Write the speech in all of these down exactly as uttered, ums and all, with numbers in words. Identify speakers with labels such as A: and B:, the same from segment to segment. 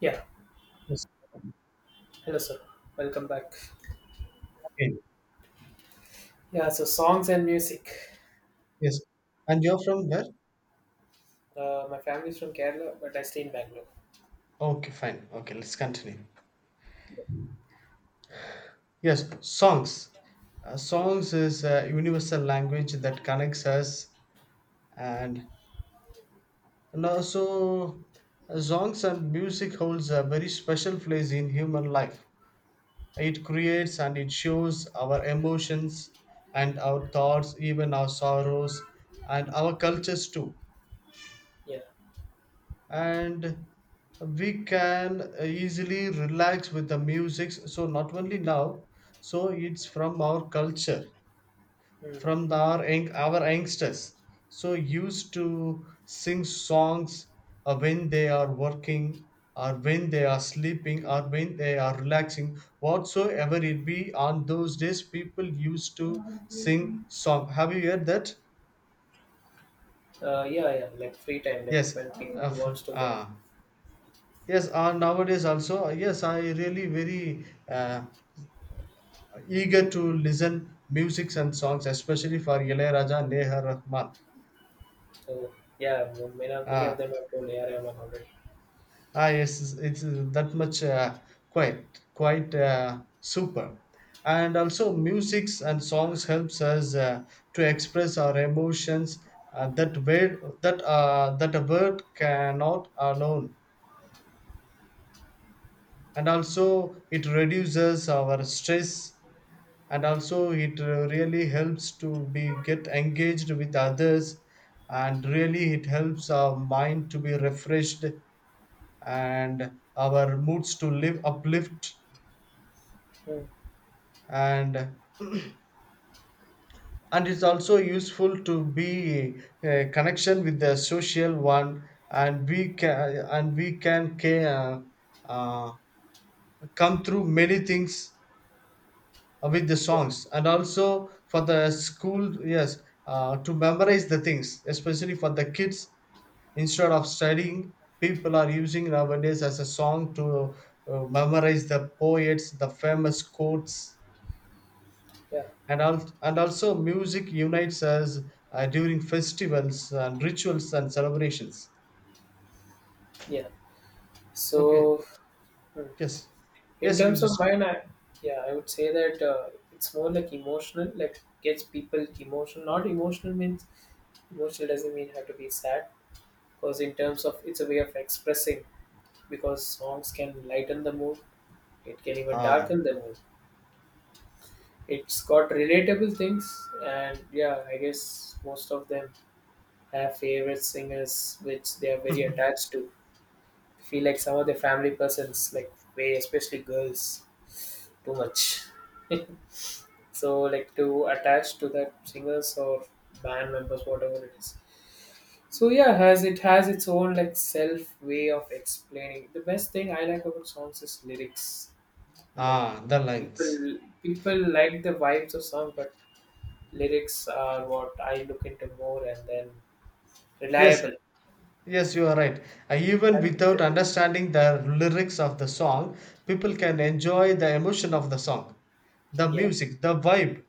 A: Yeah,
B: Yes,
A: hello sir. Welcome back.
B: again.
A: Yeah, so songs and music.
B: Yes. And you're from where?
A: Uh, my family's from Kerala, but I stay in Bangalore.
B: Okay, fine. Okay, let's continue. Yes, songs. Uh,
A: Hmm.
B: songs is a universal language that connects us, and and also uh, songs and music holds a very special place in human life. It creates and it shows our emotions and our thoughts, even our sorrows and our cultures too.
A: Yeah.
B: And we can easily relax with the music, so not only now, so it's from our culture,
A: Hmm.
B: from the- our young- our youngsters so used to sing songs uh, when they are working or when they are sleeping or when they are relaxing, whatsoever it be. On those days people used to sing song. Have you heard that?
A: Uh, yeah, yeah. Like free time, like
B: Yes.
A: when people
B: uh, f-
A: wants to get.
B: ah. Yes, uh, nowadays also, yes, I really very uh, eager to listen music and songs, especially for Ilayaraja and Neha Rahman.
A: So yeah, many of, many of
B: Uh,
A: them have told A R M already.
B: ah, yes, it's that much uh, quite quite uh, super. And also, musics and songs helps us uh, to express our emotions, uh, that word that uh, that a word cannot alone. And also, it reduces our stress, and also it uh, really helps to be get engaged with others, and really it helps our mind to be refreshed and our moods to live uplift.
A: Hmm.
B: and and it's also useful to be a connection with the social one, and we can and we can ca- uh, uh, come through many things uh, with the
A: Yeah,
B: songs. And also for the school, yes, uh, to memorize the things, especially for the kids. Instead of studying, people are using nowadays as a song to uh, memorize the poets, the famous quotes.
A: yeah,
B: And al- and also music unites us uh, during festivals and rituals and celebrations.
A: yeah.
B: Okay.
A: So hmm.
B: Yes.
A: in
B: Yes, you
A: terms of
B: just
A: mine, I yeah, I would say that uh, it's more like emotional. Like gets people emotional. Not emotional means emotional doesn't mean have to be sad. Because in terms of, it's a way of expressing, because songs can lighten the mood, it can even
B: ah.
A: darken the mood. It's got relatable things. And yeah, I guess most of them have favorite singers which they are very attached to. I feel like some of the family persons like way, especially girls, too much so like to attach to that singers or band members, whatever it is. So yeah, has it has its own like self way of explaining. The best thing I like about songs is lyrics. Like,
B: Ah, the lines.
A: people people like the vibes of song, but lyrics are what I look into more, and then
B: Yes.
A: reliable.
B: Yes, you are right. Uh, Even
A: That makes
B: without
A: it big.
B: understanding the lyrics of the song, people
A: Mm.
B: can enjoy the emotion of the song, the
A: Yeah.
B: music, the vibe.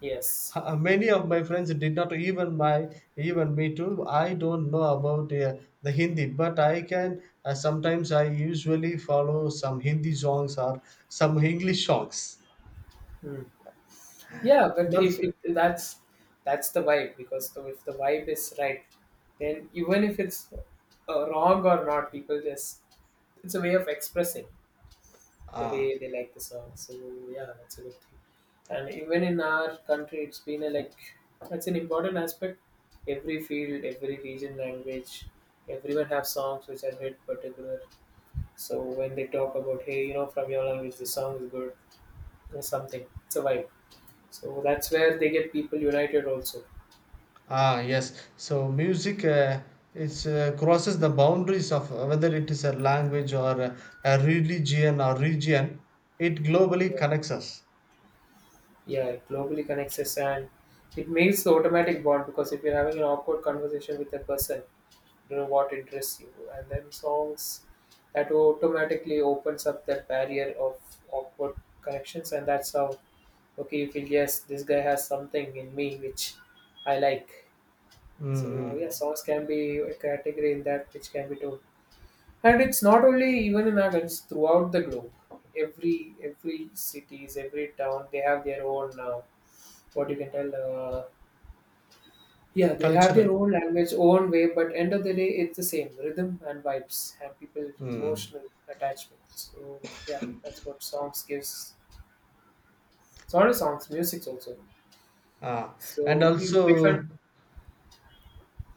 A: Yes.
B: Uh, uh, Many of my friends did not, even my, even me too. I don't know about uh, the Hindi, but I can, uh, sometimes I usually follow some Hindi songs or some English songs.
A: Mm. Yeah,
B: And
A: but if
B: also,
A: it, that's that's the vibe because the, if the vibe is right, then even if it's uh, wrong or not, people just it's a way of expressing. The
B: uh,
A: way they like the song. So yeah, that's a good thing. And even in our country, it's been a like that's an important aspect. Every field, every region, language, everyone have songs which are hit particular. So when they talk about hey, you know, from your language, the song is good, or something. It's a vibe. So that's where they get people united also.
B: ah, yes. So music, uh, it's, uh, crosses the boundaries of whether it is a language or a, a religion or region. It globally
A: Yeah,
B: connects us.
A: yeah, it globally connects us, and it makes the automatic bond because if you're having an awkward conversation with a person, you know what interests you, and then songs, that automatically opens up that barrier of awkward connections. And that's how, okay, you feel yes, this guy has something in me which I like. So
B: Mm-hmm.
A: yeah, songs can be a category in that which can be told. And it's not only even in Athens throughout the globe, every every cities, every town, they have their own, uh, what you can tell, uh, yeah, they have
B: Cultural.
A: their own language, own way, but end of the day, it's the same rhythm and vibes and people
B: Mm.
A: emotional attachment. So yeah, that's what songs gives. It's not only songs, music also.
B: Ah. And
A: So we prefer.
B: also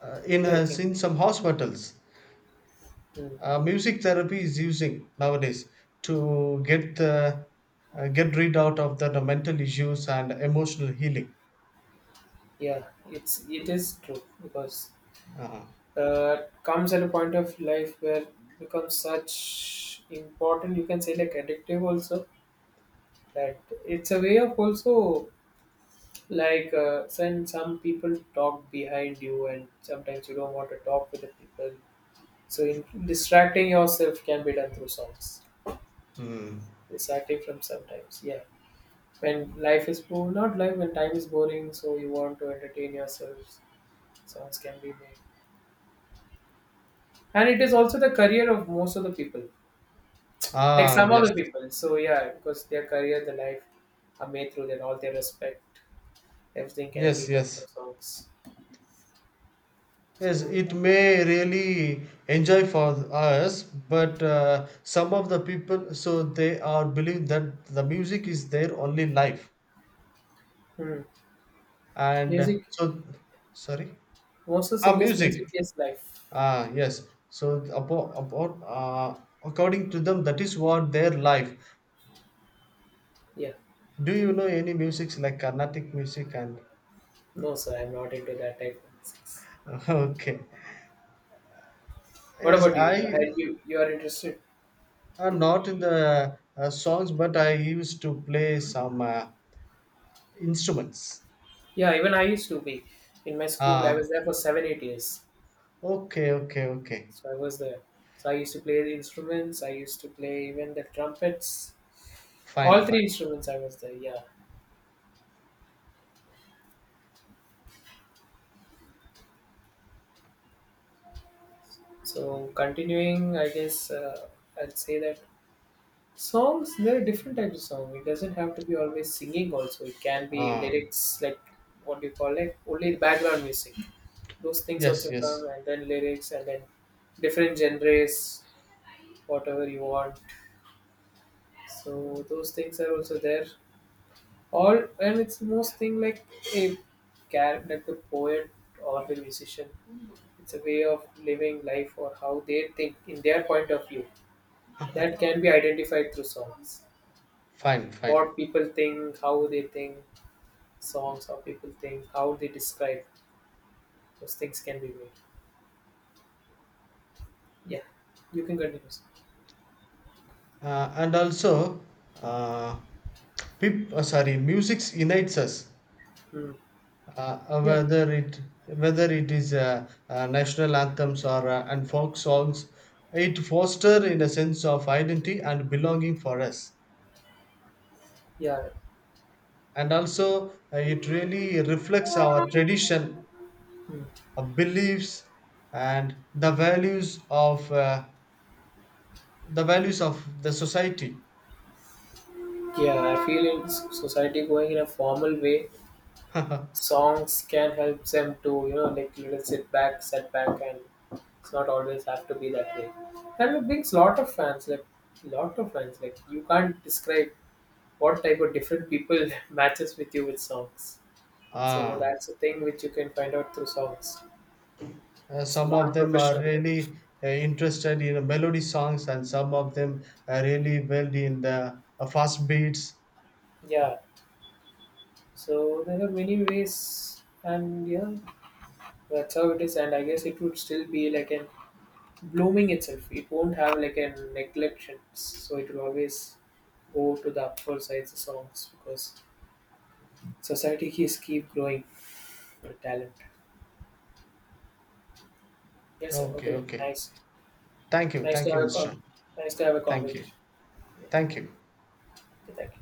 B: uh, in,
A: Yeah, you
B: uh,
A: can.
B: in some hospitals,
A: mm,
B: uh, music therapy is using nowadays to get the, uh, get rid out of the, the mental issues and emotional healing.
A: yeah, it's it is true because
B: Uh-huh.
A: uh, comes at a point of life where it becomes such important. You can say like addictive also that it's a way of also. Like, uh, when some people talk behind you, and sometimes you don't want to talk with the people. So, in, distracting yourself can be done through songs.
B: Mm.
A: Distracting from sometimes, yeah. When life is bo- not life when time is boring, so you want to entertain yourself. Songs can be made, and it is also the career of most of the people. Like
B: Ah,
A: some of
B: yes.
A: the people, so yeah, because their career, the life, are made through their all their respect. Everything can
B: Yes,
A: be heard
B: yes.
A: through songs.
B: Yes,
A: So,
B: it
A: yeah.
B: may really enjoy for us, but uh, some of the people, so they are believe that the music is their only life,
A: Hmm.
B: and
A: music
B: so sorry,
A: Most of
B: ah,
A: singers'
B: music,
A: music is live.
B: ah, yes. So about about uh, according to them, that is what their life.
A: Yeah.
B: Do you know any musics like Carnatic music and
A: No, sir, I'm not into that type of music.
B: okay?
A: What
B: Yes,
A: about you? You
B: I
A: are you you are interested?
B: am not in the uh, songs, but I used to play some uh, instruments.
A: Yeah, even I used to be. In my school, I was
B: Ah,
A: there for seven, eight years.
B: okay, okay, okay.
A: So I was there. So I used to play the instruments. I used to play even the trumpets.
B: Fine,
A: All
B: fine.
A: three instruments I was there. Yeah. So continuing, I guess uh, I'd say that songs. There are different types of song. It doesn't have to be always singing. Also, it can be
B: Ah,
A: lyrics like what do you call it? Only background music. Those things
B: yes,
A: also
B: yes.
A: come and then lyrics and then different genres whatever you want, so those things are also there. All and it's most thing like a character, like the poet or the musician. It's a way of living life or how they think in their point of view, that can be identified through songs.
B: Fine, fine.
A: What people think, how they think songs, how people think, how they describe, those things can be made. Yeah, you can continue sir.
B: Uh, and also, uh, peop- uh, sorry, music unites us.
A: Hmm.
B: Uh, uh,
A: Yeah,
B: whether it whether it is uh, uh, national anthems or uh, and folk songs, it foster in a sense of identity and belonging for us.
A: yeah.
B: And also, uh, it really reflects our tradition,
A: Hmm.
B: our beliefs, and the values of uh, the values of the society.
A: Yeah, I feel in s- society going in a formal way, songs can help them to, you know, like little sit back, set back, and it's not always have to be that way. And it brings lot of fans, like lot of fans. Like you can't describe what type of different people matches with you with songs. So
B: Ah.
A: that's the thing which you can find out through songs.
B: Uh,
A: It's a
B: some of them are
A: non-professional life.
B: really uh, interested in melody songs, and some of them are really well in the uh, fast beats.
A: Yeah. So there are many ways, and yeah, that's how it is. And I guess it would still be like an blooming itself. It won't have like a neglection, so it will always go to the upward sides of songs because society is keep growing with talent. Yes, sir.
B: Okay,
A: Okay, then.
B: okay.
A: Nice,
B: Thank you,
A: nice to
B: thank you,
A: have a con-
B: mister
A: nice to have a
B: Thank you,
A: conversation. Yeah.
B: thank you.
A: Thank you.